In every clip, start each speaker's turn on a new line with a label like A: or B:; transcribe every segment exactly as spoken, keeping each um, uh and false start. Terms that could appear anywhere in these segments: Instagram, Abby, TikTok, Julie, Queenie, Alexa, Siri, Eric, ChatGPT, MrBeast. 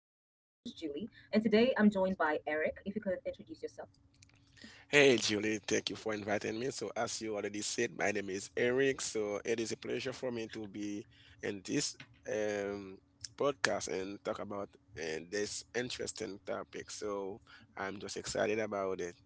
A: by Eric. If you could introduce yourself.
B: Hey Julie, thank you for inviting me. So, as you already said, my name is Eric. So, it is a pleasure for me to be in this um, podcast and talk about uh, this interesting topic. So, I'm just excited about it.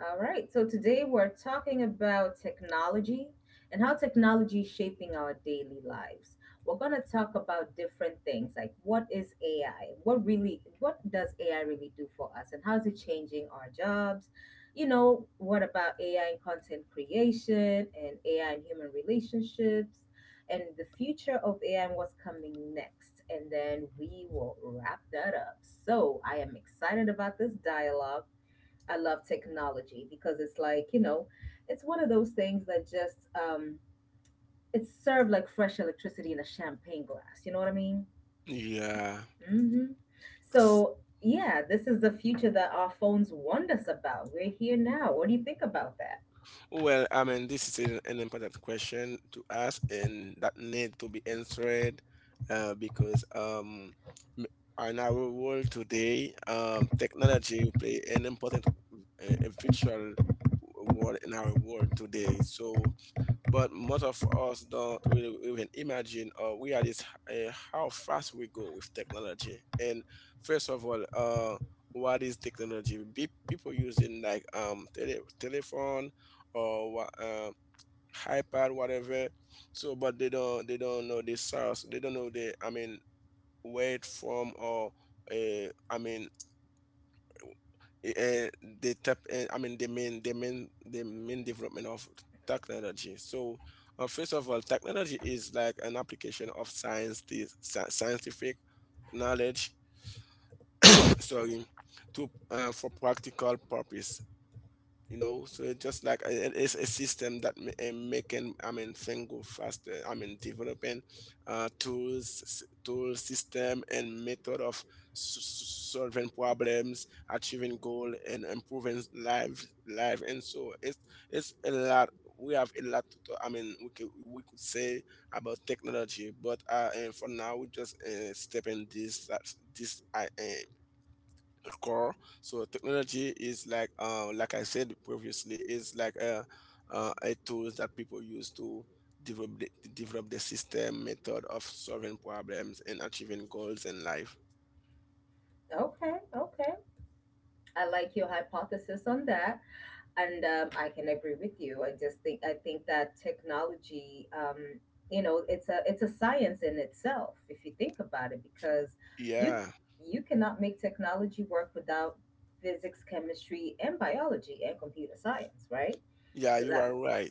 A: All right, so today we're talking about technology and how technology is shaping our daily lives. We're going to talk about different things like, what is A I? What really what does A I really do for us, and how is it changing our jobs? You know, what about A I and content creation, and A I and human relationships, and the future of A I and what's coming next? And then we will wrap that up. So, I am excited about this dialogue. I love technology because it's like, you know, it's one of those things that just um it's served like fresh electricity in a champagne glass. You know what I mean?
B: Yeah.
A: Mm-hmm. So yeah, this is the future that our phones warned us about. We're here now. What do you think about that?
B: Well, I mean, this is an, an important question to ask and that need to be answered uh, because um, m- in our world today, um, technology play an important, uh, a virtual role in our world today. So but most of us don't really even imagine or realize uh, how fast we go with technology. And first of all, uh, what is technology? Be- people using like um tele- telephone or wha- uh, iPad, whatever. So, but they don't they don't know the source. They don't know the I mean where it from or uh, I mean uh, the tech, uh, I mean the main the main the main development of technology. So uh, first of all, technology is like an application of science the sci- scientific knowledge sorry to uh, for practical purpose, you know. So it's just like a- it- it's a system that ma- uh, making I mean thing go faster, I mean developing uh tools s- tool system and method of s- s- solving problems, achieving goal and improving life life. And so it's it's a lot. We have a lot to talk, I mean we could we could say about technology, but uh, uh for now we just uh, step in this that's this uh, uh, core. So technology is like uh, like I said previously, is like a, uh, a tools that people use to develop the, develop the system method of solving problems and achieving goals in life.
A: Okay, okay. I like your hypothesis on that. And um, I can agree with you. I just think i think that technology, um, you know, it's a it's a science in itself, if you think about it, because you
B: Yeah.
A: you cannot make technology work without physics, chemistry, and biology, and computer science, right?
B: Yeah,
A: Because
B: you are
A: that's
B: right.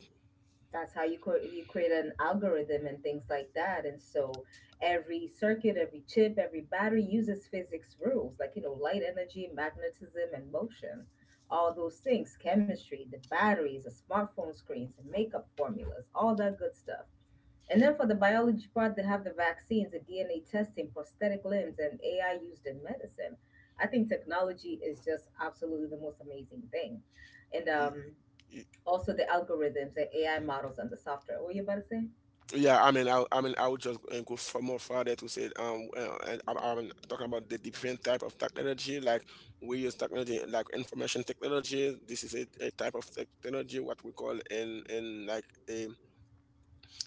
A: that's how you create you create an algorithm and things like that. And so every circuit, every chip, every battery uses physics rules like, you know, light, energy, magnetism, and motion, all those things. Chemistry, the batteries, the smartphone screens, the makeup formulas, all that good stuff. And then for the biology part, they have the vaccines, the D N A testing, prosthetic limbs, and AI used in medicine. I think technology is just absolutely the most amazing thing. And
B: Y-
A: um
B: y-
A: Also, the algorithms, the A I models, and the software. What you about to say?
B: yeah, I mean i, I mean i would just uh, go for more further to say um uh, and i'm, I'm talking about the different type of technology. Like, we use technology like information technology. This is a, a type of technology, what we call in in like a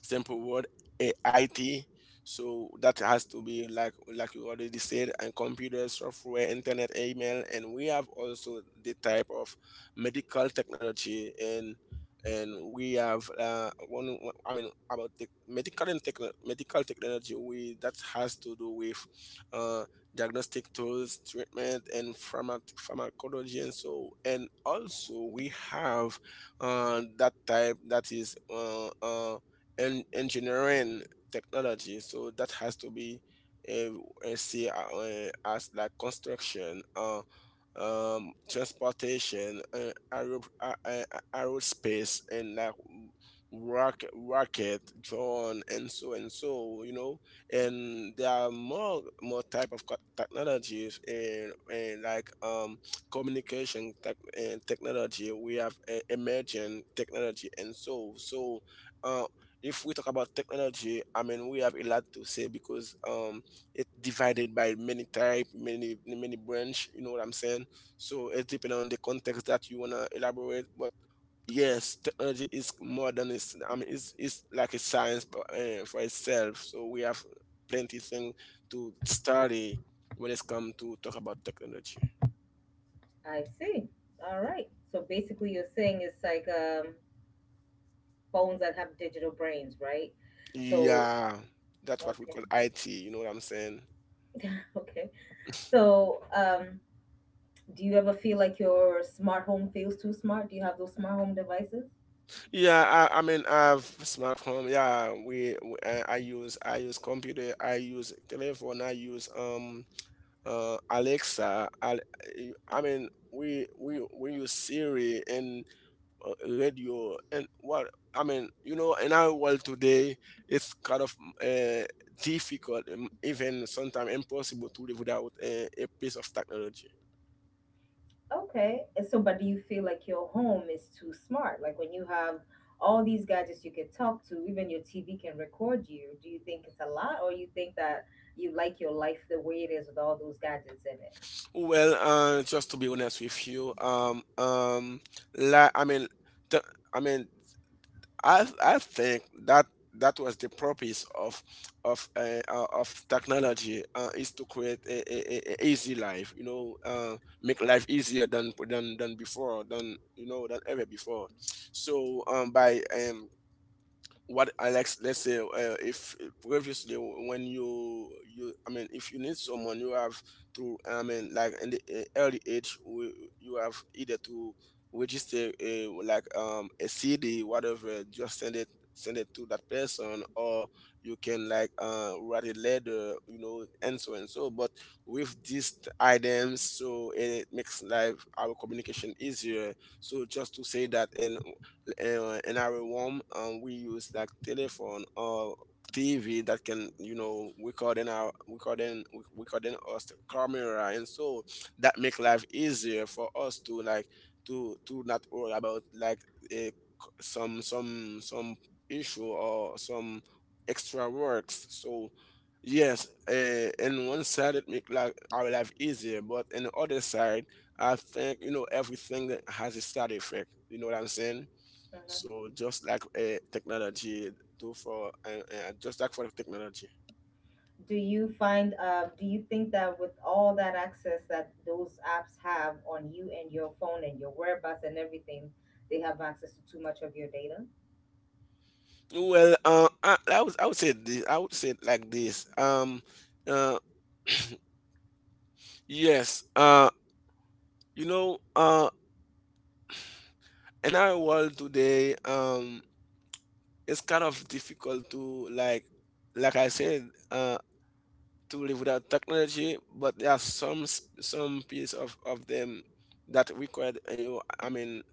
B: simple word, eh, I T. So that has to be like like you already said, and computer software, internet, email, and we have also the type of medical technology. and and we have uh, one. one- I mean about the medical and techno- medical technology. We that has to do with uh, diagnostic tools, treatment, and pharma- pharmacology, and so. And also we have uh, that type that is uh, uh, en- engineering technology. So that has to be uh, uh, see uh, uh, as like construction, uh, um transportation, uh, aero, a- a- a- aerospace and like rocket rocket drone, and so and so, you know. And there are more more type of co- technologies. And, and like um communication tech, and technology. We have uh, emerging technology, and so so uh if we talk about technology, I mean we have a lot to say, because um it's divided by many type many many branch. You know what I'm saying? So it's depending on the context that you wanna elaborate. But yes, technology is more than it's. I mean, it's it's like a science uh, for itself. So we have plenty thing to study when it's come to talk about technology.
A: I see. All right. So basically, you're saying it's like, um, phones that have digital brains, right? So
B: Yeah, that's what we
A: okay,
B: call I T. You know what I'm saying?
A: okay. So um, do you ever feel like your smart home feels too smart? Do you have those smart home devices?
B: Yeah, I, I mean, I have smartphone. Yeah, we, we I, I use I use computer. I use telephone. I use um uh, Alexa. Al- eh, I mean, we we we use Siri and uh, radio and what I mean. You know, in our world today, it's kind of uh, difficult, um, even sometimes impossible to live without a, a piece of technology.
A: Okay. And so, but do you feel like your home is too smart? Like when you have all these gadgets you can talk to, even your T V can record you. Do you think it's a lot, or you think that you like your life the way it is with all those gadgets in it?
B: Well, uh, just to be honest with you, um, um, la- I mean, the, I mean, I I think that that was the purpose of of uh, uh, of technology. Uh, is to create a, a, a a easy life. You know, uh, make life easier than than than before, than, you know, than ever before. So um, by um what Alex, let's say, uh, if previously when you you, I mean, if you need someone, you have to, I mean, like in the uh, early age, we- you have either to register a like um a C D, whatever, just send it send it to that person, or you can like uh write a letter, you know, and so and so. But with these items, so it makes life our communication easier. So just to say that. And uh, in our room, um, we use like telephone or T V that can, you know, record in our recording recording us, the camera, and so that make life easier for us to like to to not worry about like a, some some some issue or some extra works. So yes, uh, in one side it make like our life easier, but in the other side, I think, you know, everything that has a side effect. You know what I'm saying?
A: Mhm.
B: So just like uh, technology do for uh, uh, just like for technology.
A: Do you find, uh, do you think that with all that access that those apps have on you and your phone and your whereabouts and everything, they have access to too much of your data?
B: Well, uh, I, I would I would say this. I would say it like this. Um, uh, yes. Uh, you know, uh, in our world today, um, it's kind of difficult to like, like I said, uh, to live without technology. But there are some s- some piece of of them that required uh, you. I mean,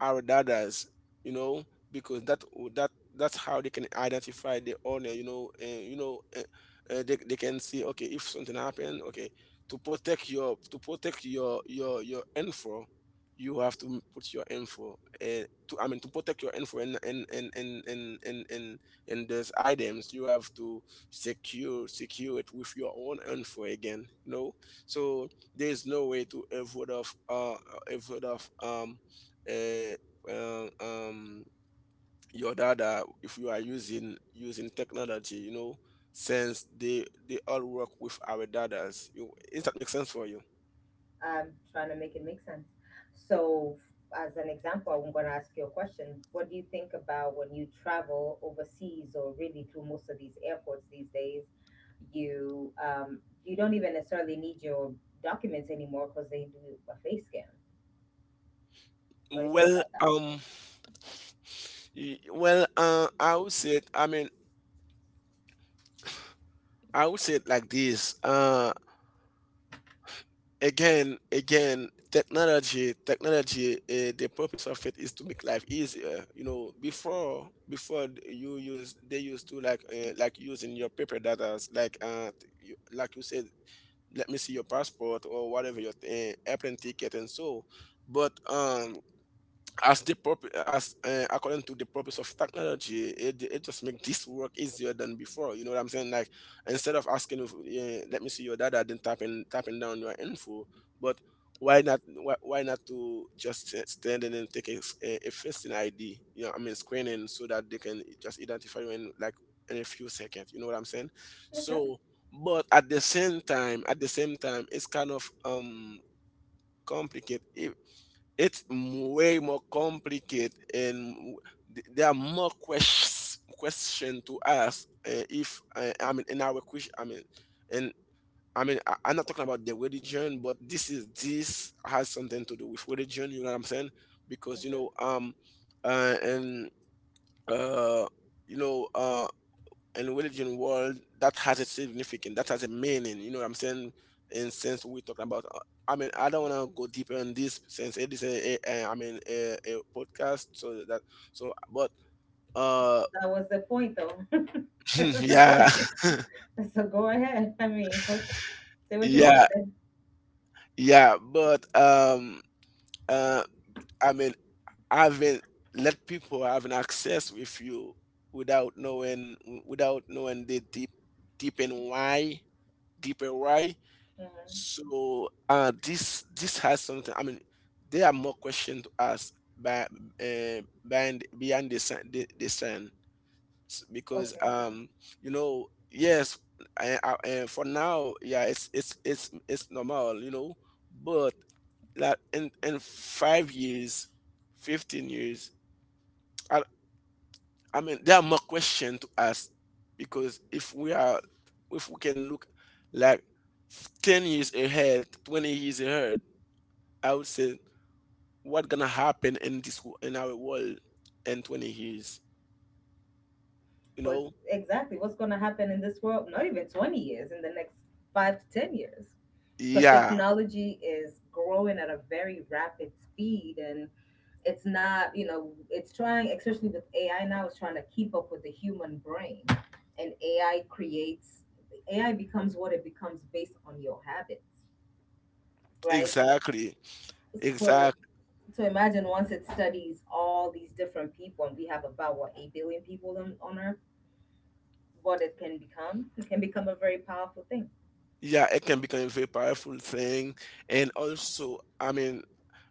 B: our dadas, you know, because that that that's how they can identify the owner, you know, and you know, uh, uh, they they can see, okay, if something happened, okay, to protect your to protect your your your info, you have to put your info, uh, to I mean to protect your info and and and and and and and, and those items you have to secure secure it with your own info again, you know. So there is no way to avoid of uh avoid of um uh, uh, um, your data, if you are using using technology, you know, since they they all work with our datas. You, is that make sense for you?
A: I'm trying to make it make sense. So, f- as an example, I'm going to ask you a question. What do you think about when you travel overseas or really through most of these airports these days? You um, you don't even necessarily need your documents anymore because they do a face scan. What do you think
B: Well,
A: about that?
B: um, y- well, uh, I, would say it, I mean, I would say it like this. Uh, again, again, technology, technology. Uh, the purpose of it is to make life easier. You know, before, before you use, they used to like, uh, like using your paper data, like, uh, you, like you said, let me see your passport or whatever your th- airplane ticket and so, but um as the purpose as uh, according to the purpose of technology, it, it just makes this work easier than before. You know what I'm saying? Like, instead of asking, if, uh, let me see your data, then typing typing down your info. But why not why, why not to just st- stand in and take a, s- a, a facing ID, you know, I mean screening, so that they can just identify you in like in a few seconds. You know what I'm saying?
A: Okay,
B: So but at the same time, at the same time, it's kind of um complicated. It's m- way more complicated and w- th- there are more questions question to ask uh, if uh, I mean in our question, I mean, and I mean I, I'm not talking about the religion, but this is this has something to do with religion. You know what I'm saying? Because you
A: Mhm.
B: know um uh, and uh you know uh in religion world that has a significance, that has a meaning. You know what I'm saying? In sense we talking about uh, I mean I don't want to go deeper in this, since it is a, a, a I mean a, a podcast, so that so but uh
A: That was the point, though. That's the
B: yeah
A: point. So go ahead. I mean, say what you want
B: yeah.
A: to say.
B: Yeah, but um uh I mean having, let people have an access with you without knowing, without knowing the deep, deep and why deeper why. So uh, this this has something. I mean, there are more questions to ask by uh, behind beyond the sun, the, the sun. S- because
A: Mhm.
B: um you know, yes, I, I, eh, for now, yeah, it's it's it's it's normal, you know. But like in in five years, fifteen years, I I mean there are more questions to ask, because if we are if we can look like ten years ahead, twenty years ahead, I would say what gonna happen in this wo- in our world in twenty years, you
A: Well,
B: know?
A: exactly. What's going to happen in this world? Not even twenty years, in the next five to ten years. Because
B: Yeah,
A: technology is growing at a very rapid speed, and it's not, you know, it's trying, especially with A I now, it's trying to keep up with the human brain. And A I creates, A I becomes what it becomes based on your habits, right?
B: exactly.
A: So,
B: Exactly.
A: so imagine once it studies all these different people, and we have about what, eight billion people on, on Earth, what it can become. It can become a very powerful thing.
B: Yeah, it can become a very powerful thing. And also, I mean,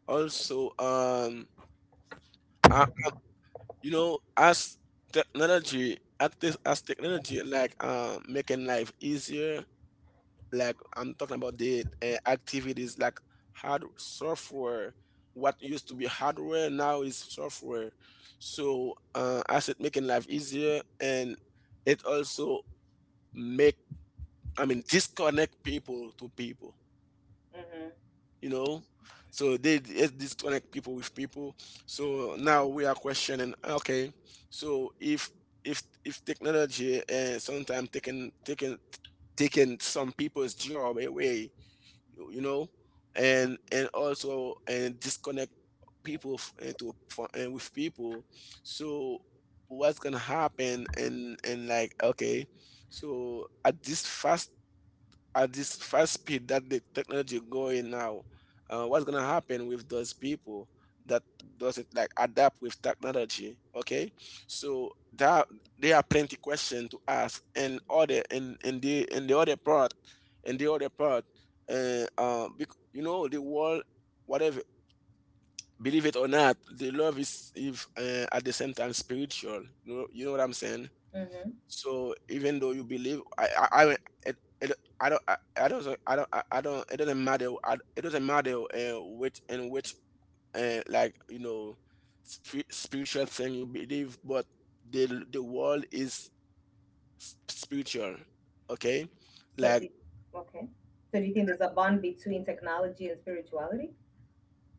B: also, um, uh, you know, as technology, as, this, as technology, like, um, making life easier, like I'm talking about the uh, activities like hard software. What used to be hardware now is software. So uh, as it making life easier, and it also make I mean disconnect people to people.
A: Hmm.
B: You know, so they it disconnect people with people. So now we are questioning. Okay, so if if if technology uh, sometimes taking taking taking some people's job away you you know and and also and disconnect people f- into fro- and with people, so what's gonna happen? And and like okay so At this fast at this fast speed that the technology going now, uh, what's gonna happen with those people that doesn't like adapt with technology? Okay, so that there are plenty question to ask, and other and and the and the other part, and the other part, uh, uh, bec- you know, the world, whatever, believe it or not, the love is if uh, at the same time spiritual. You know, you know what I'm saying?
A: Hmm.
B: So even though you believe, I, I, I, it, it, I don't, I, I don't, I don't, I, I don't. It doesn't matter. I, it doesn't matter uh, which and which, uh, like, you know, spi- spiritual thing you believe. But the the world is s- spiritual. Okay,
A: So do
B: like,
A: you, okay. So do you think there's a bond between technology and spirituality?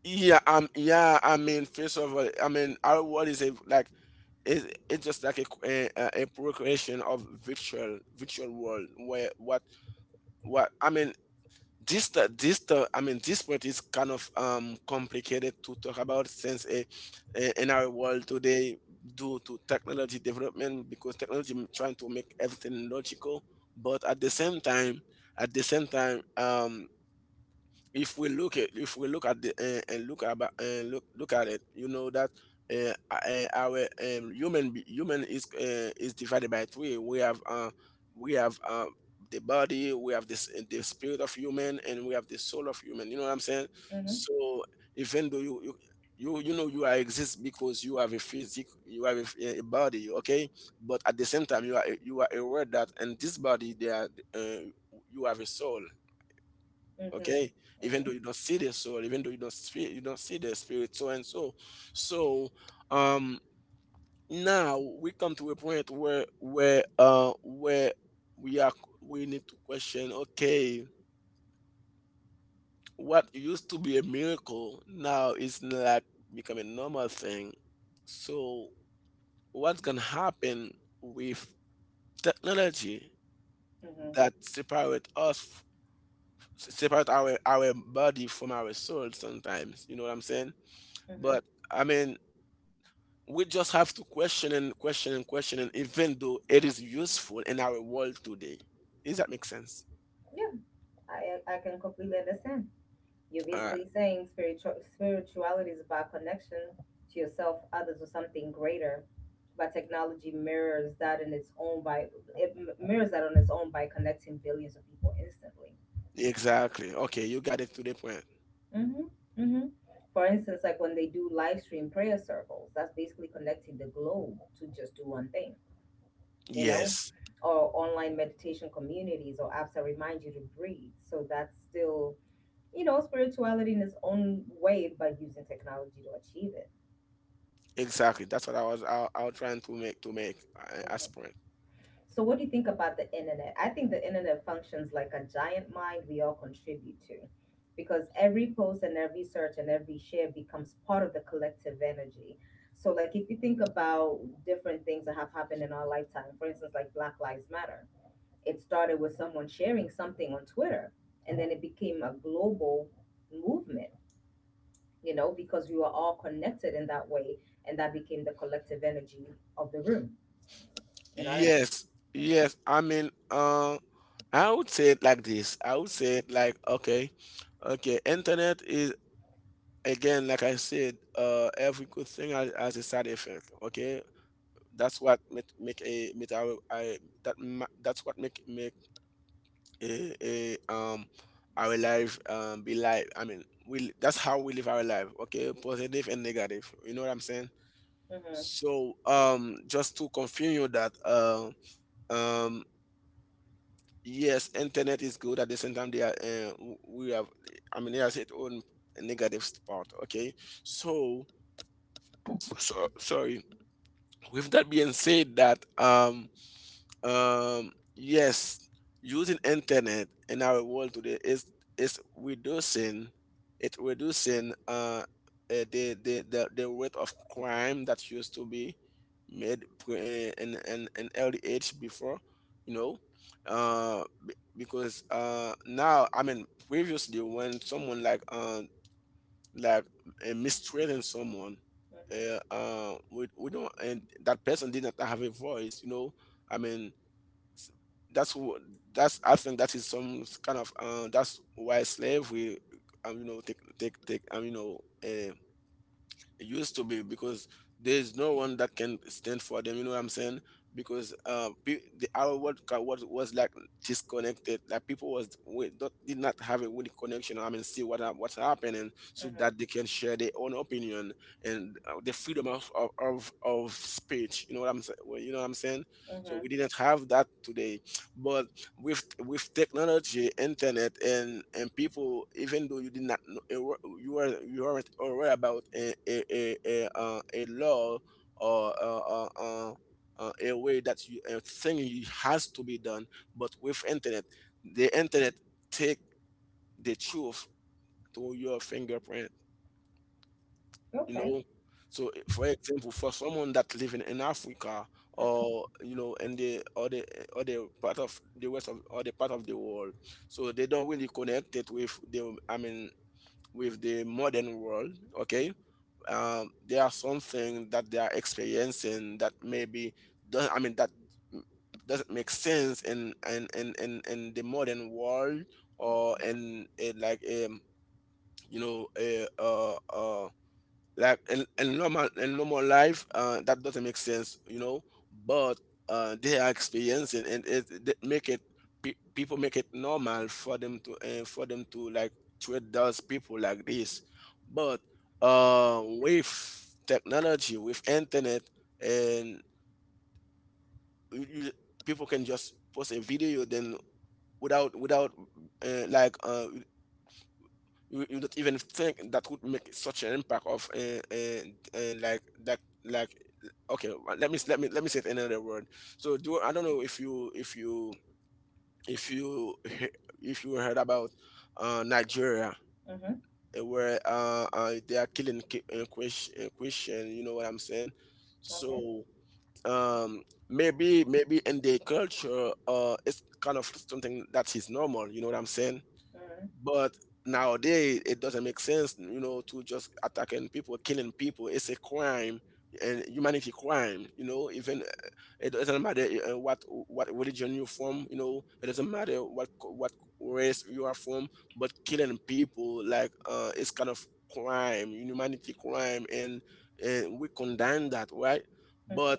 B: yeah, um, yeah. I mean, first of all, I mean, our world is a like. It's, it's just like a, qu- a a a procreation of virtual virtual world where what what I mean this the this the I mean this part is kind of um complicated to talk about since eh, eh, in our world today, due to technology development, because technology m- trying to make everything logical. But at the same time, at the same time um if we look at if we look at the uh, and look about and look look at it, you know, that uh, uh, our um, human be- human is uh, is divided by three. We have uh we have uh the body, we have this eh, the spirit of human, and we have the soul of human. You know what I'm saying?
A: Mm-hmm.
B: So even though you you you, you know, you are exist because you have a physic, you have a, f- a body. Okay, but at the same time you are, you are aware that in this body there are, uh, you have a soul.
A: Mm-hmm.
B: Okay, even though
A: Mm-hmm.
B: you don't see the soul, even though you don't speak, you don't see the spirit, so and so. So, um now we come to a point where, where uh where we are, we need to question. Okay, what used to be a miracle now is like become a normal thing. So what's gonna happen with technology
A: Mm-hmm.
B: that separate us, separate our our body from our soul sometimes? You know what I'm saying? But
A: Mm-hmm.
B: I mean, we just have to question and question and question, and even though it is useful in our world today. Does that make sense?
A: Yeah, I I can completely understand. You're
B: Uh,
A: basically saying spiritual spirituality is about connection to yourself, others, or something greater. But technology mirrors that in its own by it m- mirrors that on its own by connecting billions of people instantly.
B: exactly. Okay, you got it to the point.
A: Hmm. Hmm. For instance, like when they do live stream prayer circles, that's basically connecting the globe to just do one thing, you know,
B: Yes,
A: or online meditation communities or apps that remind you to breathe. So that's still, you know, spirituality in its own way by using technology to achieve it.
B: exactly. That's what I was, I, I was trying to make to make uh, as
A: Mhm.
B: point.
A: So, what do you think about the internet? I think the internet functions like a giant mind we all contribute to because every post and every search and every share becomes part of the collective energy. So, like, if you think about different things that have happened in our lifetime, for instance, like Black Lives Matter, it started with someone sharing something on Twitter, and then it became a global movement, you know, because we were all connected in that way, and that became the collective energy of the room. You know what I mean?
B: Yes,
A: Mm-hmm.
B: yes. I mean, uh, I would say it like this. I would say it like, okay, okay. Internet is, again, like I said, uh, every good thing has, has a side effect. Okay, that's what make make a make our I, that ma- that's what make make a, a um our life, um be like, I mean, we, that's how we live our life. Okay, positive and negative, you know what I'm saying?
A: Mhm.
B: So, um just to continue that, uh, um yes, internet is good, at the same time they are, uh, w- we have, I mean, it has its own negative part. Okay, so, so sorry, with that being said that, um Um, yes, using internet in our world today is is reducing, it reducing uh eh, the, the the, the rate of crime that used to be made pre- eh, in in an early age before, you know, uh be- because uh now, I mean, previously when someone like uh like uh, mistreating someone. Uh,
A: Mhm.
B: uh, we, we don't, and that person did not have a voice. You know, I mean, s- that's wh- that's, I think that is some s- kind of uh, that's why slave will, um, you know, take take take um, you know uh, it used to be because there's no one that can stand for them. You know what I'm saying? Because uh, pe- the, our world ca- was was like disconnected. Like people was, we not, did not have a good connection. I mean, see what hap- what's happening, so
A: Mhm.
B: that they can share their own opinion, and uh, the freedom of, of of of speech. You know what I'm saying? Well, you know what I'm saying? So
A: Mhm.
B: we didn't have that today, but with with technology, internet, and and people, even though you did not, a, you were, you were not aware about a a a a, uh, a law, or uh, uh, uh, uh, a way that you, a thing you has to be done, but with internet, the internet take the truth to your fingerprint. You
A: Okay.
B: know, so eh, for example, for someone that living in Africa,
A: Mhm.
B: or you know, in the, or the, or the part of the west of, or the part of the world, so they don't really connect it with the, I mean, with the modern world. Okay, um, there are something that they are experiencing that maybe does not, I mean, that doesn't make sense in in in in, in the modern world,
A: Mhm.
B: or in, in like, um you know, a, uh, uh like in, in normal in normal life, uh, that doesn't make sense, you know. But uh, they are experiencing, and it, it make it, pe- people make it normal for them to, uh, for them to like treat those people like this. But uh, with technology, with internet, and you, you- people can just post a video then without, without uh, like uh, you, you don't even think that would make such an impact of uh, uh, uh, like that. Like, okay, well, let me let me let me say it in another word. So do, I don't know if you, if you, if you he- if you heard about uh Nigeria,
A: Mhm.
B: eh, where uh, uh they are killing, ki- uh, Chris- uh, christian. You know what I'm saying?
A: Okay.
B: So, um maybe, maybe in their culture, uh it's kind of something that is normal, you know what I'm saying?
A: Mhm.
B: But nowadays, it doesn't make sense, you know, to just attacking people, killing people. It's a crime, and humanity crime. You know, even, uh, it doesn't matter uh, what what religion you're from. You know, it doesn't matter what co- what race you are from. But killing people, like, uh, it's kind of crime, humanity crime, and and we condemn that, right?
A: Mhm.
B: But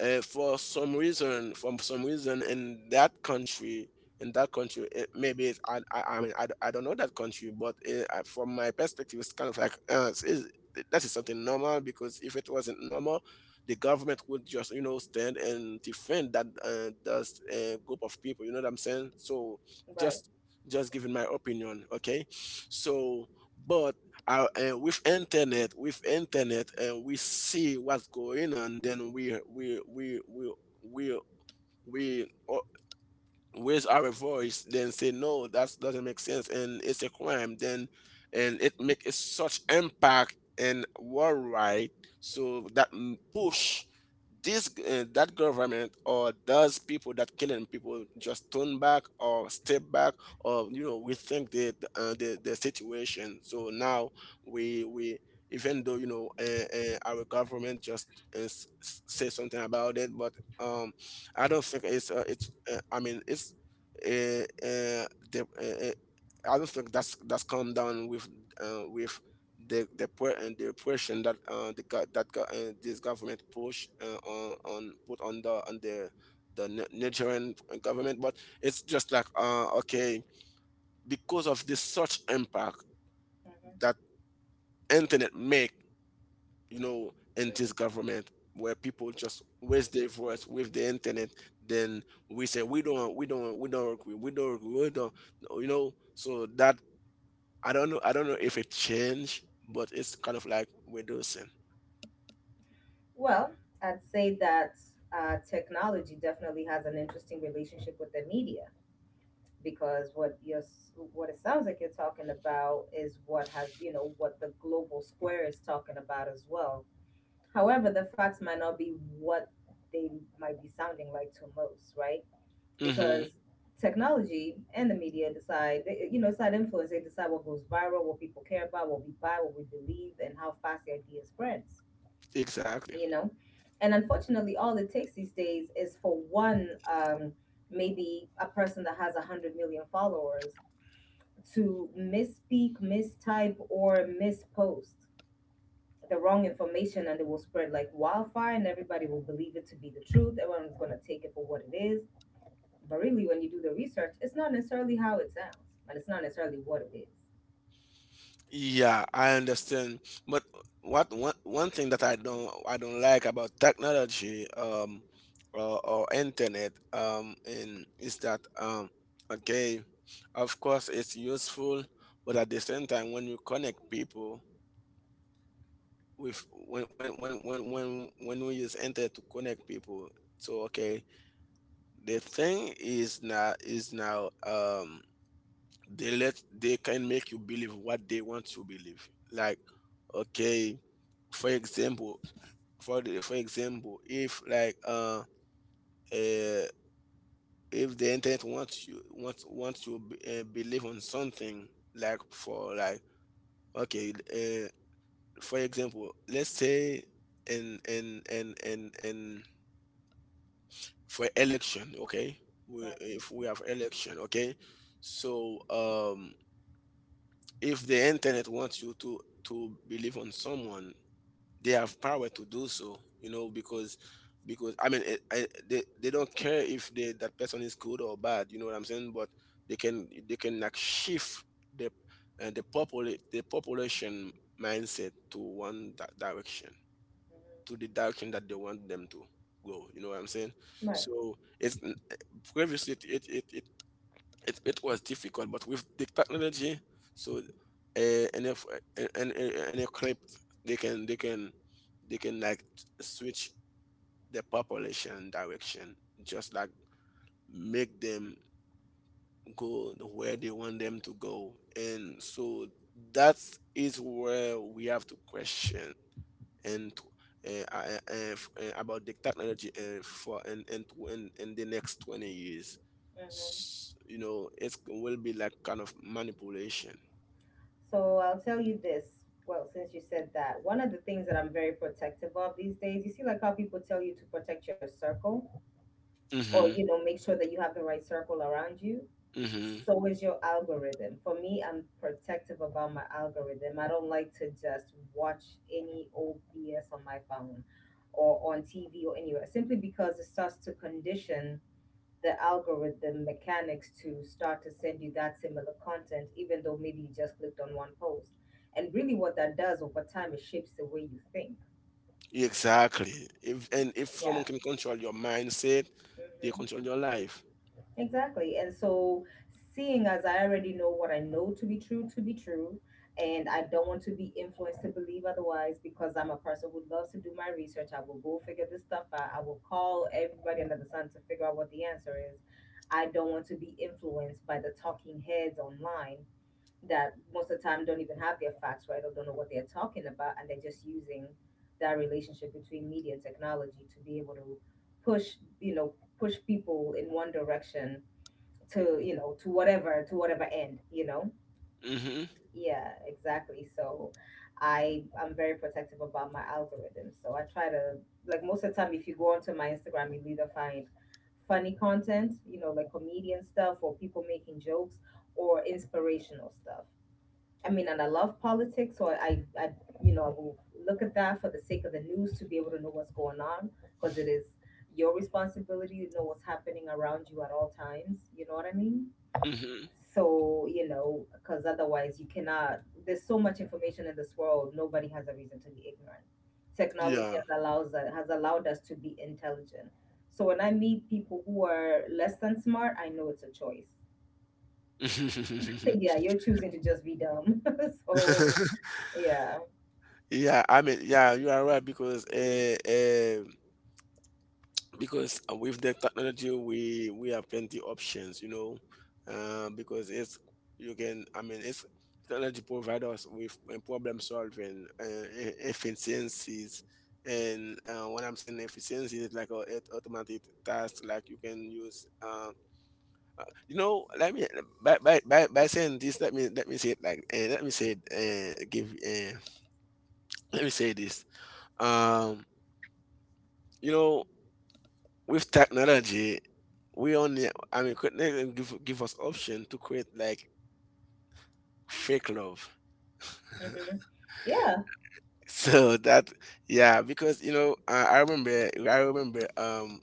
B: uh, for some reason, from some reason in that country, in that country, it, maybe it's, I, I, I mean, I, d- I don't know that country, but uh, I, from my perspective, it's kind of like, uh, it's, it's- that is something normal, because if it wasn't normal, the government would just, you know, stand and defend that, uh, that uh, group of people. You know what I'm saying? So
A: Right.
B: just, just giving my opinion. Okay. So, but uh, uh, with internet, with internet, and we see what's going on, then we we we we we we uh, raise our voice, then say no, that doesn't make sense, and it's a crime, then, and it makes such impact, and worldwide, so that mm, push this, uh, that government, or those people that killing people, just turn back or step back, or you know, we think the, uh, the the situation. So now we we even though, you know, uh, uh, our government just uh, s- s- say something about it. But um I don't think it's, uh, it's uh, I mean, it's, uh, uh, the, uh, uh, I don't think that's that's come down with, uh, with the the pre- and the pressure that, uh, the go- that go- uh, this government push, uh, on on put on the, on the, the Ni- Nigerian government. But it's just like, uh, okay, because of this such impact
A: Mhm.
B: that internet make, you know, in this government, where people just raise their voice with the internet, then we say we don't, we don't we don't agree, we don't agree, we don't, you know, so that, I don't know. I don't know if it changed, but it's kind of like Windows ten.
A: Well, I'd say that uh, technology definitely has an interesting relationship with the media because what you're, s- what it sounds like you're talking about is what has, you know, what the global square is talking about as well. However, the facts might not be what they might be sounding like to most, right?
B: Mm-hmm.
A: Because technology and the media decide, they- you know, it's not influence. They decide what goes viral, what people care about, what we buy, what we believe, and how fast the idea spreads,
B: Exactly.
A: you know. And unfortunately, all it takes these days is for one um maybe a person that has a 100 million followers to misspeak, mistype, or mispost the wrong information, and it will spread like wildfire, and everybody will believe it to be the truth. Everyone's going to take it for what it is, but really, when you do the research, it's not necessarily how it sounds, and it's not necessarily what it is.
B: Yeah, I understand. But what one one thing that I don't I don't like about technology um or, or internet um in is that um okay, of course it's useful, but at the same time when you connect people with when when when when when when we use enter to connect people. so okay the thing is now is now um they let they can make you believe what they want you believe. like okay for example, for the, for example if like uh, uh if the internet wants you wants wants you uh, believe on something. Like for like okay uh, for example let's say and and and and and for election. Okay we,
A: Mhm.
B: if we have election, okay so um if the internet wants you to to believe on someone, they have power to do so, you know, because because i mean eh, I, they, they don't care if they, that person is good or bad, you know what I'm saying. But they can they can like shift the uh, the popul the population mindset to one di- direction, to the direction that they want them to go. You know what I'm saying?
A: Right.
B: So it's n- eh, previously it it it it, it, it was difficult, but with the technology, so uh, and if and and eh, eh, and a clip, they can they can they can like switch the population direction, just like make them go where they want them to go. And so that is where we have to question and tw- uh, uh, uh, uh, about the technology uh, for and and in, in the next twenty years.
A: Mhm.
B: S- you know, it will be like kind of manipulation.
A: So I'll tell you this. Well, since you said that, one of the things that I'm very protective of these days, you see, like how people tell you to protect your circle or,
B: mm-hmm,
A: you know, make sure that you have the right circle around you.
B: mm-hmm.
A: So is your algorithm. For me, I'm protective about my algorithm. I don't like to just watch any old B S on my phone or on T V or anywhere, simply because it starts to condition the algorithm mechanics to start to send you that similar content, even though maybe you just clicked on one post. And really, what that does over time, it shapes the way you think.
B: Exactly, if and if
A: Yeah,
B: someone can control your mindset, they
A: hmm,
B: control your life.
A: exactly. And so, seeing as I already know what I know to be true to be true, and I don't want to be influenced to believe otherwise, because I'm a person who loves to do my research. I will go figure this stuff out. I will call everybody under the sun to figure out what the answer is. I don't want to be influenced by the talking heads online that most of the time don't even have their facts right or don't know what they're talking about, and they're just using that relationship between media and technology to be able to push, you know, push people in one direction to, you know, to whatever, to whatever end, you know.
B: mm-hmm,
A: Yeah, exactly. So i i'm very protective about my algorithms, so I try to, like, most of the time if you go onto my Instagram, you'll either find funny content, you know, like comedian stuff or people making jokes, or inspirational stuff. I mean, and I love politics, so I, I, you know, I will look at that for the sake of the news to be able to know what's going on, because it is your responsibility to know what's happening around you at all times. You know what I mean?
B: mm-hmm.
A: So, you know, because otherwise you cannot, there's so much information in this world, nobody has a reason to be ignorant. Technology
B: Yeah.
A: has allows has allowed us to be intelligent. So when I meet people who are less than smart, I know it's a choice. Yeah, you're choosing to just be dumb. So, yeah.
B: yeah i mean yeah you are right because uh, uh, because uh, with the technology we we have plenty options, you know. Uh, because it's you can I mean it's Technology provide us with uh, problem solving uh, e- efficiencies. And uh, when I'm saying efficiency, is like a, it automatic task. Like you can use uh, you know let me by, by, by, by saying this let me let me say it like uh, let me say it, uh, give uh, let me say this um you know with technology, we only, I mean, could not even give give us option to create like fake love.
A: Mhm. Yeah.
B: So that, yeah, because you know I, I remember I remember um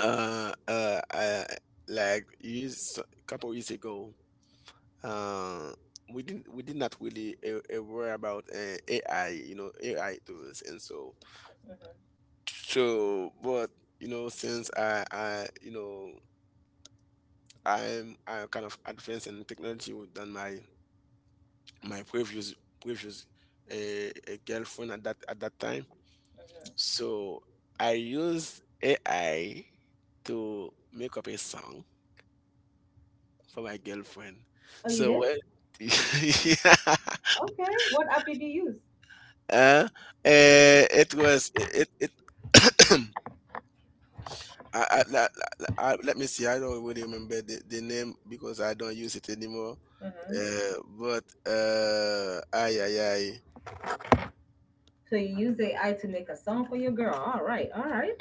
B: uh uh, uh like years so, couple years ago, uh we didn't we did not really uh, uh, worry about uh, A I, you know, A I tools and so.
A: Mhm.
B: So but, you know, since I I you know I'm I kind of advanced in technology than my my previous previous uh, a girlfriend at that at that time.
A: Mhm.
B: So I used A I to make up a song for my girlfriend.
A: Oh, you
B: So
A: did?
B: when yeah,
A: Okay. What app did you use?
B: uh, eh, it was it it. it I, I, la- la- I, Let me see. I don't really remember the, the name because I don't use it anymore.
A: Mhm.
B: Uh, but uh, ay, ay, ay.
A: So you use A I to make a song for your girl. Oh. Right. All right.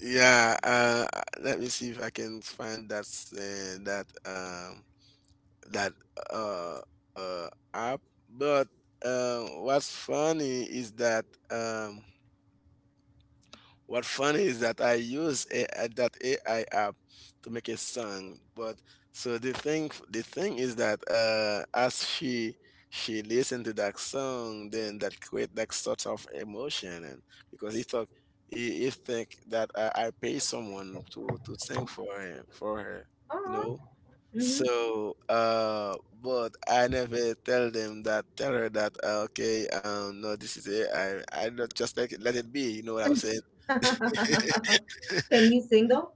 B: Yeah, uh, uh, let me see if I can find that s- uh, that um that uh uh app. But um, what's funny is that um what funny is that I use a, a- that A I app to make a song. But so the thing the thing is that, uh, as she she listened to that song, then that create that sort of emotion. And because he thought, he, he think that I, I pay someone to to sing for him for her, you
A: All
B: know.
A: Mm-hmm.
B: So, uh, but I never tell them that, tell her that, uh, okay, um, no, this is it. I, I not just like it, let it be. You know what I'm saying?
A: Can you sing though?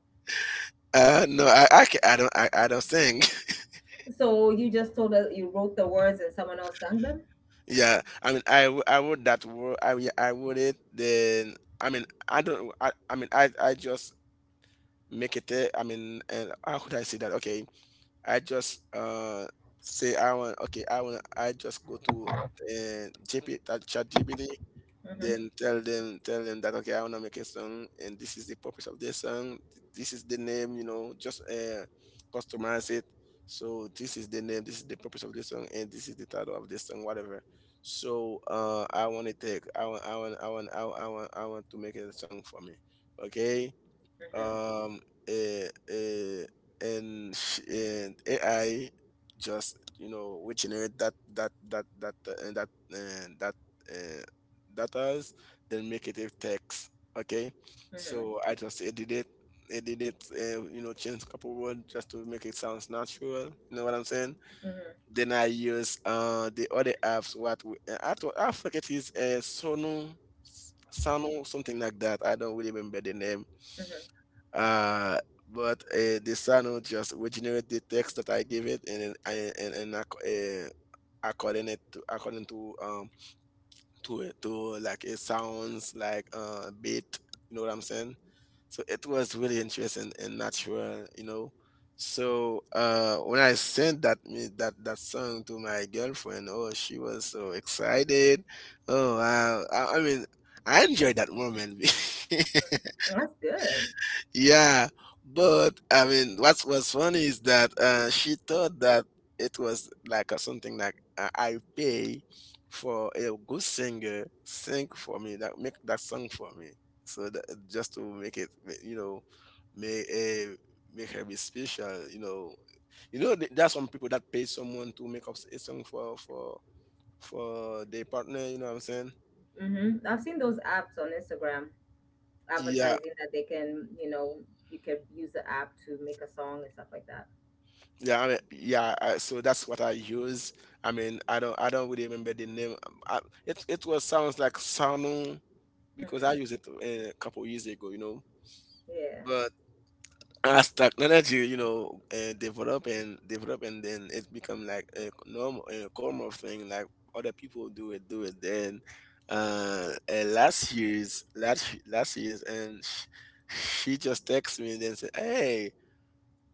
B: Uh, no, I, I, ca- I don't I, I don't sing.
A: So you just told us you wrote the words and someone else sang them?
B: Yeah, I mean I, w- I would that word. I mean, I would it then, I mean, I don't, I, I mean, I I just make it there. I mean, and how could I say that? Okay, I just uh say I want okay I want I just go to uh, G P T that chat G P T,
A: Mhm.
B: then tell them tell them that, okay, I want to make a song, and this is the purpose of this song, this is the name, you know. Just uh, customize it. So this is the name, this is the purpose of this song, and this is the title of this song, whatever. So uh I want to take I want I want I want I want I want, I want to make a song for me, okay.
A: Mhm.
B: um uh, uh, and sh- and A I just, you know, we generate that that that that uh, and that uh, that uh, data's, then make it a text, okay. So
A: Mhm.
B: I just edit it edit it uh, you know, change a couple words just to make it sounds natural, you know what I'm saying.
A: Mhm.
B: Then I use uh the other apps, what we, uh, I, thought- I forget, is uh, Sono, Sono, something like that. I don't really remember the name.
A: Mhm.
B: Uh, but uh, The sound just regenerate the text that I give it, and and and, and uh, according it to according to um to it to like it sounds like uh beat, you know what I'm saying. So it was really interesting and natural, you know. So uh when I sent that me that that song to my girlfriend, oh, she was so excited. Oh wow, I, I mean, I enjoyed that moment.
A: That's good.
B: Yeah, but I mean, what's was funny is that, uh, she thought that it was like a, something like, uh, I pay for a good singer sing for me, that make that song for me. So that, just to make it, you know, make, uh, make her be special. You know, you know, th- there are some people that pay someone to make up a song for for for their partner. You know what I'm saying?
A: Hmm. I've seen those apps on Instagram
B: Yeah.
A: advertising that they can, you know, you can use the app to make a song and stuff like that.
B: Yeah, I mean, yeah. I, so that's what I use. I mean, I don't, I don't really remember the name. Um, I, it, it was sounds like Sanu because
A: Mhm.
B: I used it uh, a couple years ago, you know.
A: Yeah.
B: But as technology, you know, uh, develop and develop, and then it become like a normal, a common thing. Like other people do it, do it. Then uh, uh last year's, last last year's, and she, she just texts me and then say, "Hey.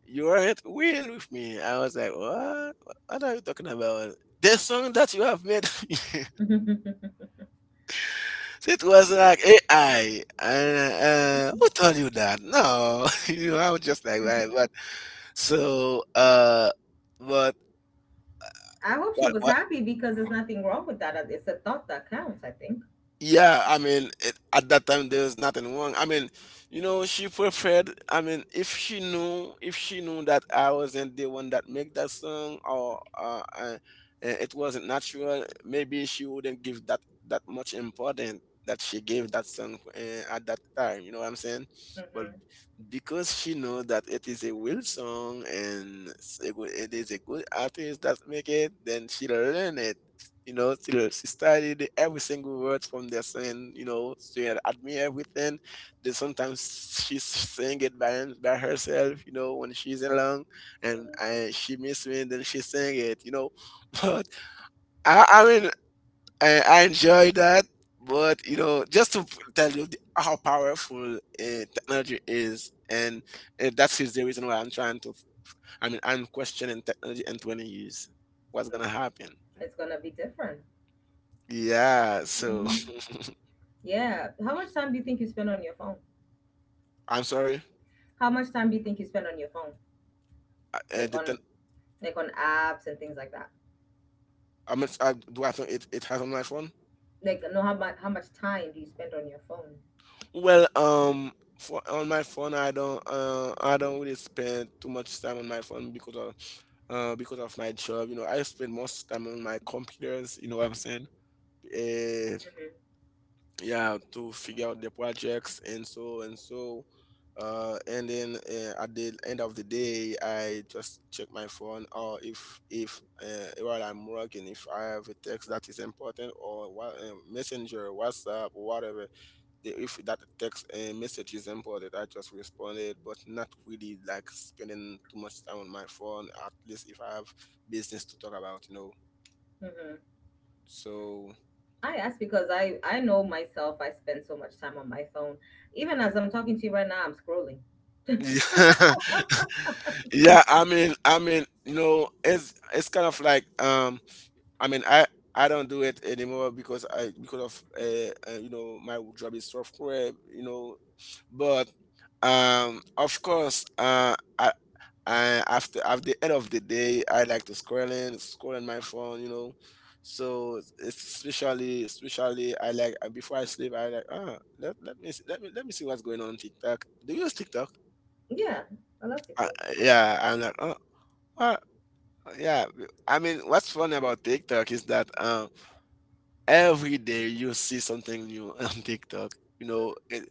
B: You weren't weird with me." I was like, what? What are you talking about? This song that you have made, it was like A I. Uh, uh, who told you that? No, you know, I was just like, right, but so, uh, but
A: I hope she was
B: what?
A: happy because there's nothing wrong with that. It's a thought that counts, I think.
B: Yeah, I mean, it, at that time there's nothing wrong. I mean, you know, she preferred. I mean, if she knew, if she knew that I wasn't the one that make that song, or uh, uh, uh, it wasn't natural, maybe she wouldn't give that that much importance that she gave that song uh, at that time. You know what I'm saying? But
A: Mm-hmm.
B: because she knows that it is a will song, and it's a good- it is a good artist that make it, then she learn it, you know, till she studied every single word from their song. You know, she had admit everything. Then sometimes she sing it by by herself, you know, when she's alone. And
A: Mm-hmm.
B: I, she miss me, then she sing it, you know. But I, I mean, I, I enjoy that. But you know, just to tell you the, how powerful uh, technology is. And uh, that's the reason why I'm trying to, I mean, I'm questioning technology in twenty years. What's gonna happen?
A: It's gonna be different.
B: Yeah. So.
A: Hmm. Yeah. How much time do you think you spend on your phone?
B: I'm sorry.
A: How much time do you think you spend on your phone,
B: I, uh,
A: like
B: did the,
A: on
B: tel-
A: like on apps and things like that?
B: I meant, I, do I think it, it has on my phone?
A: Like, no, how much how much time do you spend on your phone?
B: Well, um, for on my phone, I don't, uh, I don't really spend too much time on my phone because of, uh, because of my job. You know, I spend most time on my computers. You know what I'm saying? Eh,
A: hmm
B: yeah, to figure out the projects and so and so. Uh, and then uh, at the end of the day, I just check my phone. Or if if, uh, while I'm working, if I have a text that is important, or wha- uh, messenger, WhatsApp, or whatever, the, if that text uh, message is important, I just responded. But not really like spending too much time on my phone, at least if I have business to talk about, you know.
A: hmm
B: So
A: I ask because I I know myself. I spend so much time on my phone. Even as I'm talking to you right now, I'm scrolling.
B: Yeah. Yeah, I mean, I mean, you know, it's it's kind of like, um, I mean, I I don't do it anymore because I because of, uh, uh you know, my job is software, you know. But um, of course, uh, I. I, after at the end of the day, I like to scroll in, scroll in my phone, you know. So it's, especially, especially, I like uh, before I sleep, I like, ah, let, let me see, let me let me see what's going on on TikTok. Do you use TikTok?
A: Yeah, I love
B: Uh,
A: TikTok.
B: yeah, I'm like, "Oh, what?" Yeah, I mean, what's funny about TikTok is that, um, every day you see something new on TikTok, you know, it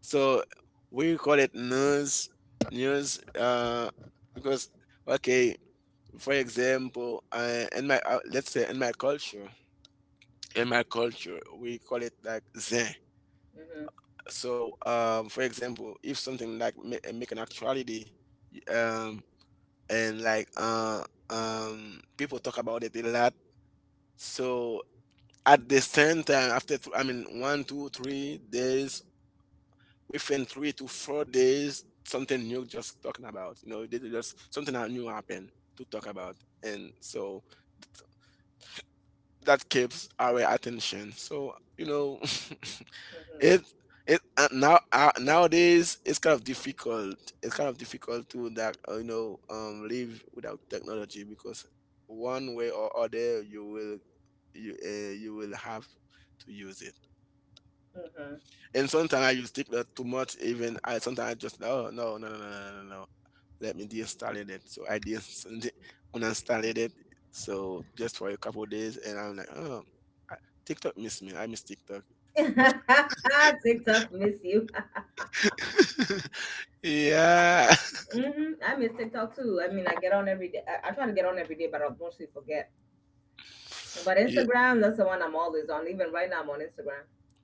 B: so we call it news news, uh, because okay, for example, I in my, uh, let's say in my culture in my culture, we call it like Zen.
A: Mm-hmm.
B: So, um, for example, if something like ma make an actuality, um and like uh um people talk about it a lot. So at the same time, after th- I mean one two three days, within three to four days, something new just talking about, you know, they they just something new happened to talk about. And so that keeps our attention, so you know. It
A: hmm
B: it uh, now uh, nowadays it's kind of difficult. It's kind of difficult to that uh, you know um live without technology, because one way or other you will you uh, you will have to use it. And sometimes I use TikTok too much. Even I sometimes I just oh no no no no no no no. Let me deinstall it. So I dis- uninstalled it. So just for a couple days, and I'm like oh I- TikTok miss me. I miss TikTok.
A: Mhm. TikTok, miss you.
B: yeah.
A: hmm I miss TikTok too. I mean, I get on every day. I, I try to get on every day, but I mostly forget. But
B: Ye
A: Instagram, that's the one I'm always on. Even right now, I'm on Instagram.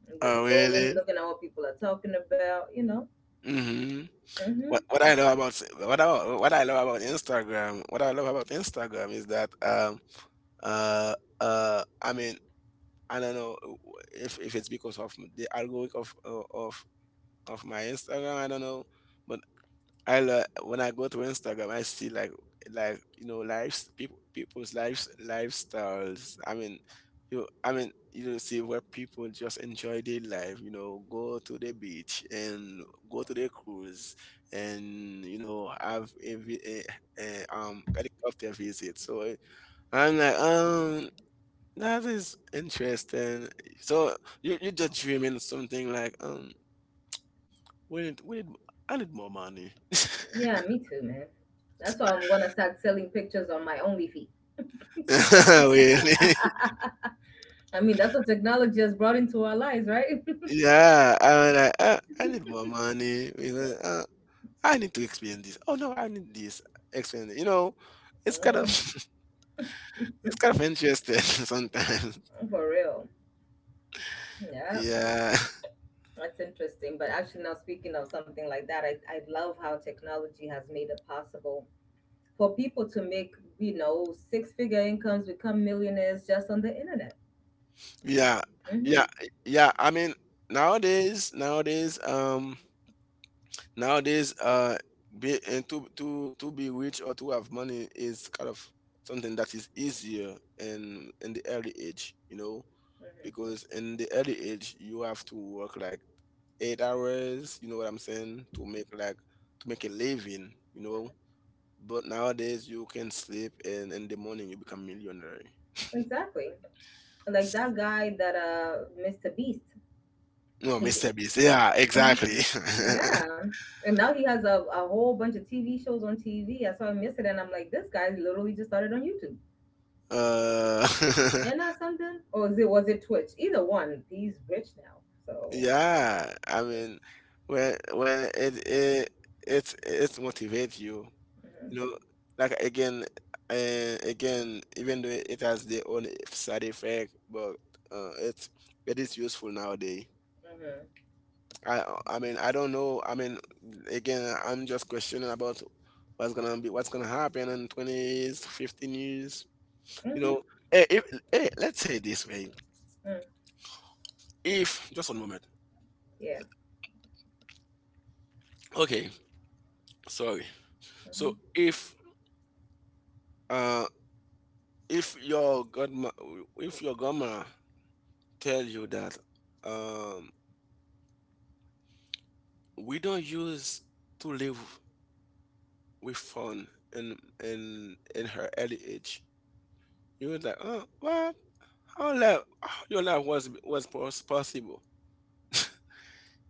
A: I'm
B: oh,
A: just scrolling,
B: really?
A: looking at what people are talking about, you know.
B: Mhm.
A: hmm
B: What what I know about what I what I love about Instagram, what I love about Instagram is that, um, uh, uh, I mean, I don't know uh, if if it's because of the algorithm of of of my Instagram, I don't know, but I lo- when I go to Instagram, I see like like you know lives, people people's lives, lifestyles. I mean, you I mean you know, see where people just enjoy their life. You know, go to the beach and go to the cruise, and you know have a, vi- a, a um helicopter visit. So eh, I'm like um that is interesting. So you you just dreaming something like um we need we need I need more money.
A: Yeah, me too, man. That's why I'm going to start selling pictures on my OnlyFeet.
B: Really?
A: I mean, that's what technology has brought into our lives, right?
B: Yeah, I was like, "Uh, I need more money, because uh, I need to experience this. Oh no, I need this. Experience. You know, it's kind of
A: hmm
B: it's kind of interesting sometimes.
A: For real. Yeah.
B: Yeah,
A: That's interesting. But actually, now speaking of something like that, I, I love how technology has made it possible for people to make, you know, six figure incomes, become millionaires just on the internet.
B: yeah,
A: hmm hmm
B: yeah, yeah. I mean, nowadays, nowadays, um, nowadays, uh, be and to to to be rich or to have money is kind of something that is easier in in the early age. You know,
A: hmm
B: because in the early age you have to work like eight hours, you know what I'm saying, to make like to make a living, you know. But nowadays you can sleep and in the morning you become millionaire.
A: Exactly. Like that guy that, uh, mister Beast.
B: No
A: He j-
B: Mr. Beast, yeah,
A: Mhm.
B: exactly.
A: Yeah. And now he has a, a whole bunch of T V shows on T V. I saw him yesterday and I'm like, this guy literally just started on YouTube.
B: uh
A: And not something? Or is it, was it Twitch? Either one. He's rich now. So.
B: yeah, I mean, when when it it it it motivates you.
A: Mhm.
B: You know, like again, uh, again, even though it has their own side effect, but uh, it's it is useful nowadays.
A: Mhm.
B: I I mean I don't know. I mean again, I'm just questioning about what's gonna be what's gonna happen in twenties, fifteen years. You
A: Mhm.
B: know, hey, if, hey, let's say it this way.
A: Mm.
B: If just one moment.
A: Yeah.
B: Okay, sorry.
A: Mhm.
B: So if uh if your godma if your grandma tell you that. um we don't use to live with fun in in in her early age. You was like, oh, what? How life, how your life was was pos- possible?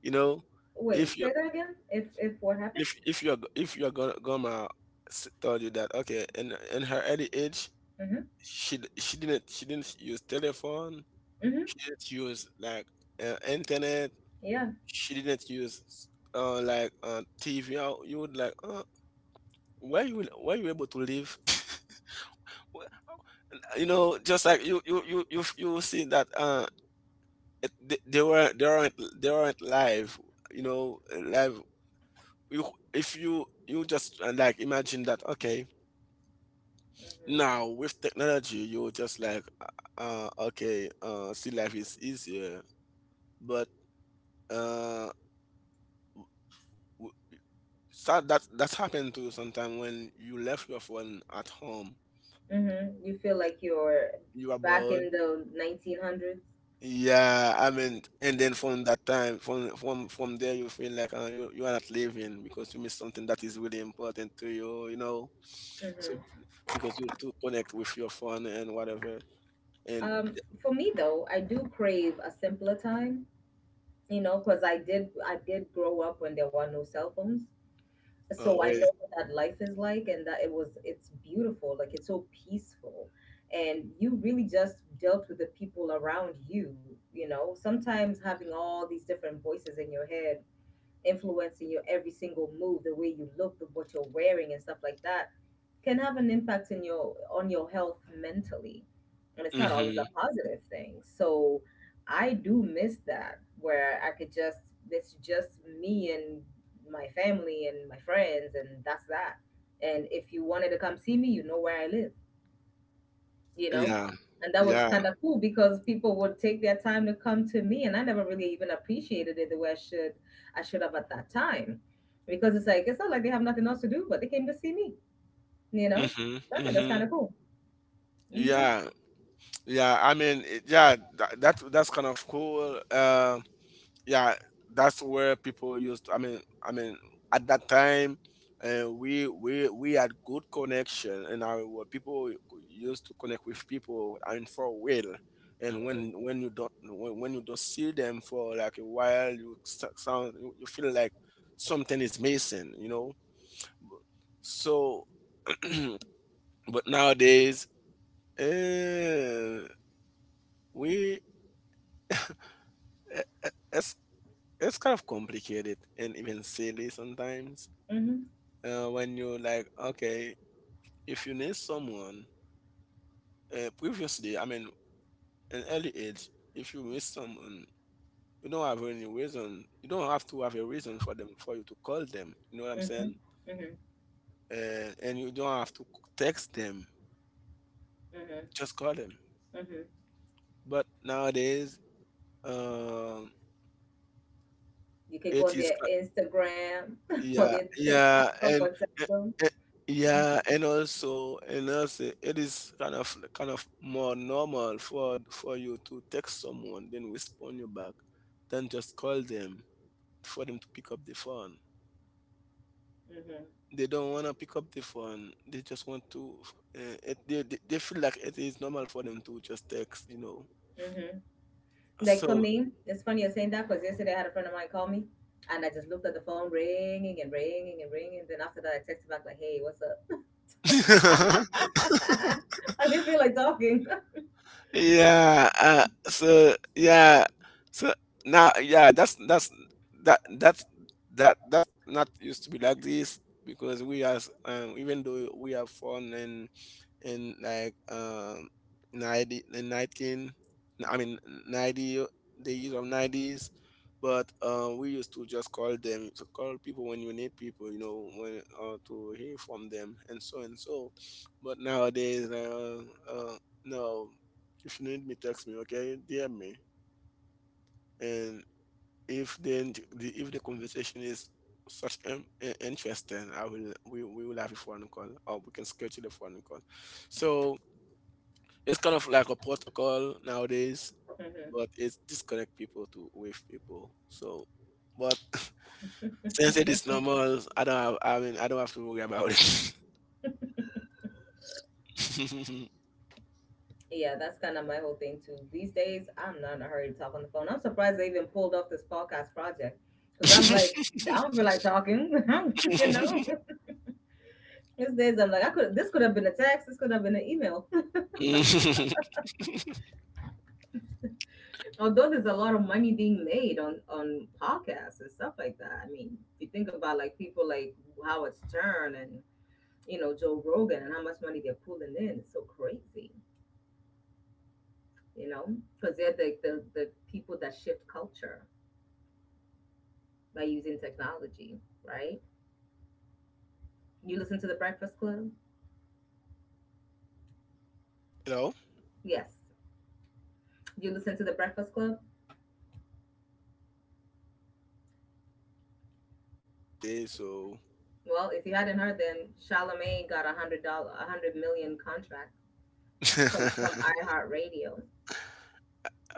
B: You know, if
A: Wait, say
B: you
A: that again. If if what happened?
B: if if you're if your gon- grandma s- told you that, okay, in in her early age,
A: Mhm.
B: she d- she didn't she didn't use telephone,
A: Mhm.
B: she didn't use like uh, internet,
A: Yeah.
B: she didn't use uh like uh T V. You you would like, uh, where you were you able to live? You know, just like you you you you you see that uh it, they, they were they aren't they aren't live, you know, live. You if you you just uh, like imagine that okay,
A: Mhm.
B: now with technology you just like uh uh, okay uh see life is easier, but uh w- so that that's happened to you sometime when you left your phone at home.
A: Mhm. You feel like you're
B: You are
A: back
B: bored.
A: in the nineteen hundreds.
B: Yeah, I mean, and then from that time, from from from there, you feel like uh, you you are not living because you miss something that is really important to you, you know. So
A: Mhm.
B: because you too connect with your phone and whatever, and
A: Um, for me though, I do crave a simpler time. You know, because I did I did grow up when there were no cell phones.
B: uh,
A: So I
B: wait,
A: know what that life is like, and that it was, it's beautiful, like it's so peaceful. And you really just dealt with the people around you, you know. Sometimes having all these different voices in your head influencing your every single move, the way you look, the, what you're wearing, and stuff like that, can have an impact in your on your health mentally. And it's not always
B: mm-hmm,
A: a positive thing. So I do miss that, where I could just, it's just me and my family and my friends, and that's that. And if you wanted to come see me, you know where I live, you know.
B: yeah,
A: And that was
B: yeah,
A: kind of cool because people would take their time to come to me, and I never really even appreciated it the way i should i should have at that time, because it's like it's not like they have nothing else to do, but they came to see me, you know.
B: mm-hmm,
A: So I think that's
B: mm-hmm,
A: kind of cool. Mm-hmm.
B: yeah, yeah. I mean, it- yeah, that, that that's kind of cool. Um, yeah, that's where people used, i mean i mean at that time, uh, we we we had good connection and our where people used to connect with people and for a while. And when when you don't when, when you don't see them for like a while, you s- sound you you feel like something is missing, you know. So but nowadays, uh, we eh, eh, it's it's kind of complicated and even silly sometimes.
A: Mm-hmm.
B: Uh, when you like okay, if you need someone, uh, previously, i mean an early age, if you miss someone, you don't have any reason, you don't have to have a reason for them for you to call them, you know what I'm
A: Mm-hmm. Mm-hmm.
B: saying.
A: Mm-hmm.
B: Uh, and you don't have to text them,
A: Mm-hmm.
B: just call them.
A: Mm-hmm.
B: But nowadays, um
A: You can go
B: it
A: on
B: is.
A: their Instagram or
B: Yeah,
A: their
B: yeah,
A: TikTok or
B: and,
A: whatever.
B: and, and
A: Mm.
B: yeah, and also, and also, it is kind of kind of more normal for for you to text someone, then respond you back, than just call them, for them to pick up the phone.
A: Mm-hmm.
B: They don't want to pick up the phone. They just want to. Uh, it, they they they feel like it is normal for them to just text, you know.
A: Mm-hmm. Like for
B: So.
A: me, it's funny you're saying that because yesterday I had a friend of mine call me, and I just looked at the phone ringing and ringing and ringing. Then after that, I texted back like, hey, what's up? I didn't feel like talking.
B: Yeah, uh, so yeah, so now yeah, that's that's that that's that that's not used to be like this, because we as um, even though we have fun and in like um ninety in nineteen i mean ninety uh, the year of nineties, but um we used to just call them to call people when you need people, you know, when uh, to hear from them and so and so. But nowadays uh, uh no, if you need me, text me, okay, dm me. And if then the if the conversation is such um, interesting, I will we, we will have a phone call, or we can schedule a phone call. So it's kind of like a protocol nowadays, but it's disconnect people to wave people. So, but since it is normal, I don't have. I mean, I don't have to worry about it.
A: Yeah, that's kind of my whole thing too. These days, I'm not in a hurry to talk on the phone. I'm surprised they even pulled off this podcast project, because I'm like, I don't feel like talking. You know, these days I'm like, I could. This could have been a text. This could have been an email. Although there's
B: But
A: a
B: you
A: lot
B: have
A: of
B: to think.
A: money being
B: You
A: made
B: just like,
A: on
B: this is the
A: on
B: job.
A: podcasts
B: Talk
A: and
B: and
A: stuff
B: get
A: like that.
B: paid.
A: I mean, if you think about like people like Howard Stern and,
B: You know.
A: you know, Joe
B: So
A: Rogan, and how much money they're pulling in, it's so crazy. You know, because they're the, the the people that shift culture by using technology, right? You listen to The Breakfast Club?
B: you know.
A: Yes.
B: Yeah. So
A: You listen to The Breakfast Club?
B: uh, this is how life. na- This is the normal life life today. So.
A: Well, if you hadn't heard, then Charlamagne got a hundred dollar, a hundred million contract from from iHeartRadio.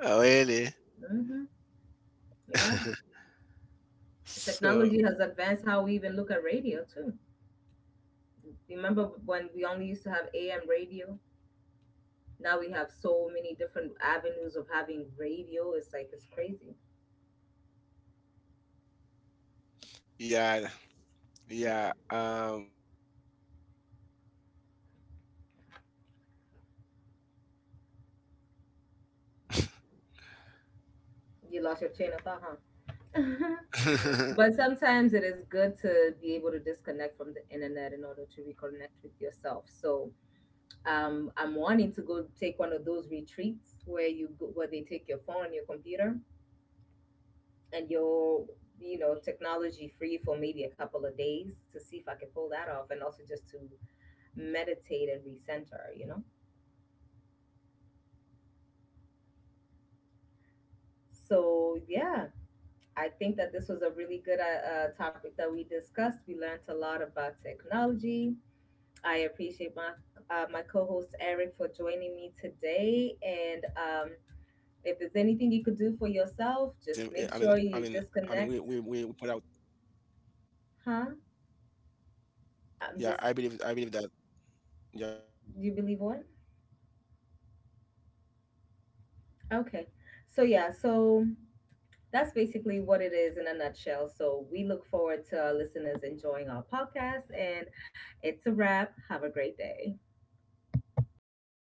B: really.
A: hmm Yeah,
B: So
A: technology has advanced how we even look at radio too. Remember when we only used to have A M radio? Now we have so many different avenues of having radio. It's like it's crazy.
B: yeah, yeah.
A: hmm
B: Um, but so we have to learn how to live with it. So that's how we can do.
A: You lost your chain of thought, huh? But sometimes it is good to be able to disconnect from the internet in order to reconnect with yourself. So um, I'm wanting to go take one of those retreats where you go, where they take your phone, and your computer, and your, you know, technology free for maybe a couple of days, to see if I can pull that off, and also just to meditate and recenter. You know. So yeah,
B: Y-
A: I
B: you,
A: think that this was a really good uh, uh, topic that we discussed. We learned a lot about technology. I appreciate my uh, my co-host
B: yeah.
A: Eric for
B: Um,
A: joining me
B: yeah.
A: today.
B: I, I
A: And
B: believe it is.
A: um,
B: In, eh, I mean,
A: if
B: I
A: there's
B: mean,
A: anything you could
B: I
A: do
B: mean.
A: for
B: We, we,
A: yourself,
B: we,
A: just
B: we put
A: make
B: out.
A: sure you disconnect. Huh?
B: Yeah. I believe. I believe
A: I'm
B: that.
A: just.
B: Yeah. You can keep talking.
A: You believe what?
B: And
A: Okay. So yeah.
B: I
A: So
B: mean, yeah. It is
A: that's
B: important sometimes
A: basically
B: to
A: what it
B: to,
A: is
B: eh,
A: in a
B: to
A: nutshell. So
B: disconnect
A: we look
B: to
A: forward
B: our
A: to our
B: world
A: listeners enjoying our podcast.
B: today. I w-
A: And
B: I'm in-
A: it's a
B: Disconnect with
A: wrap. Have a
B: technology,
A: great day.
B: so that you can spend some time with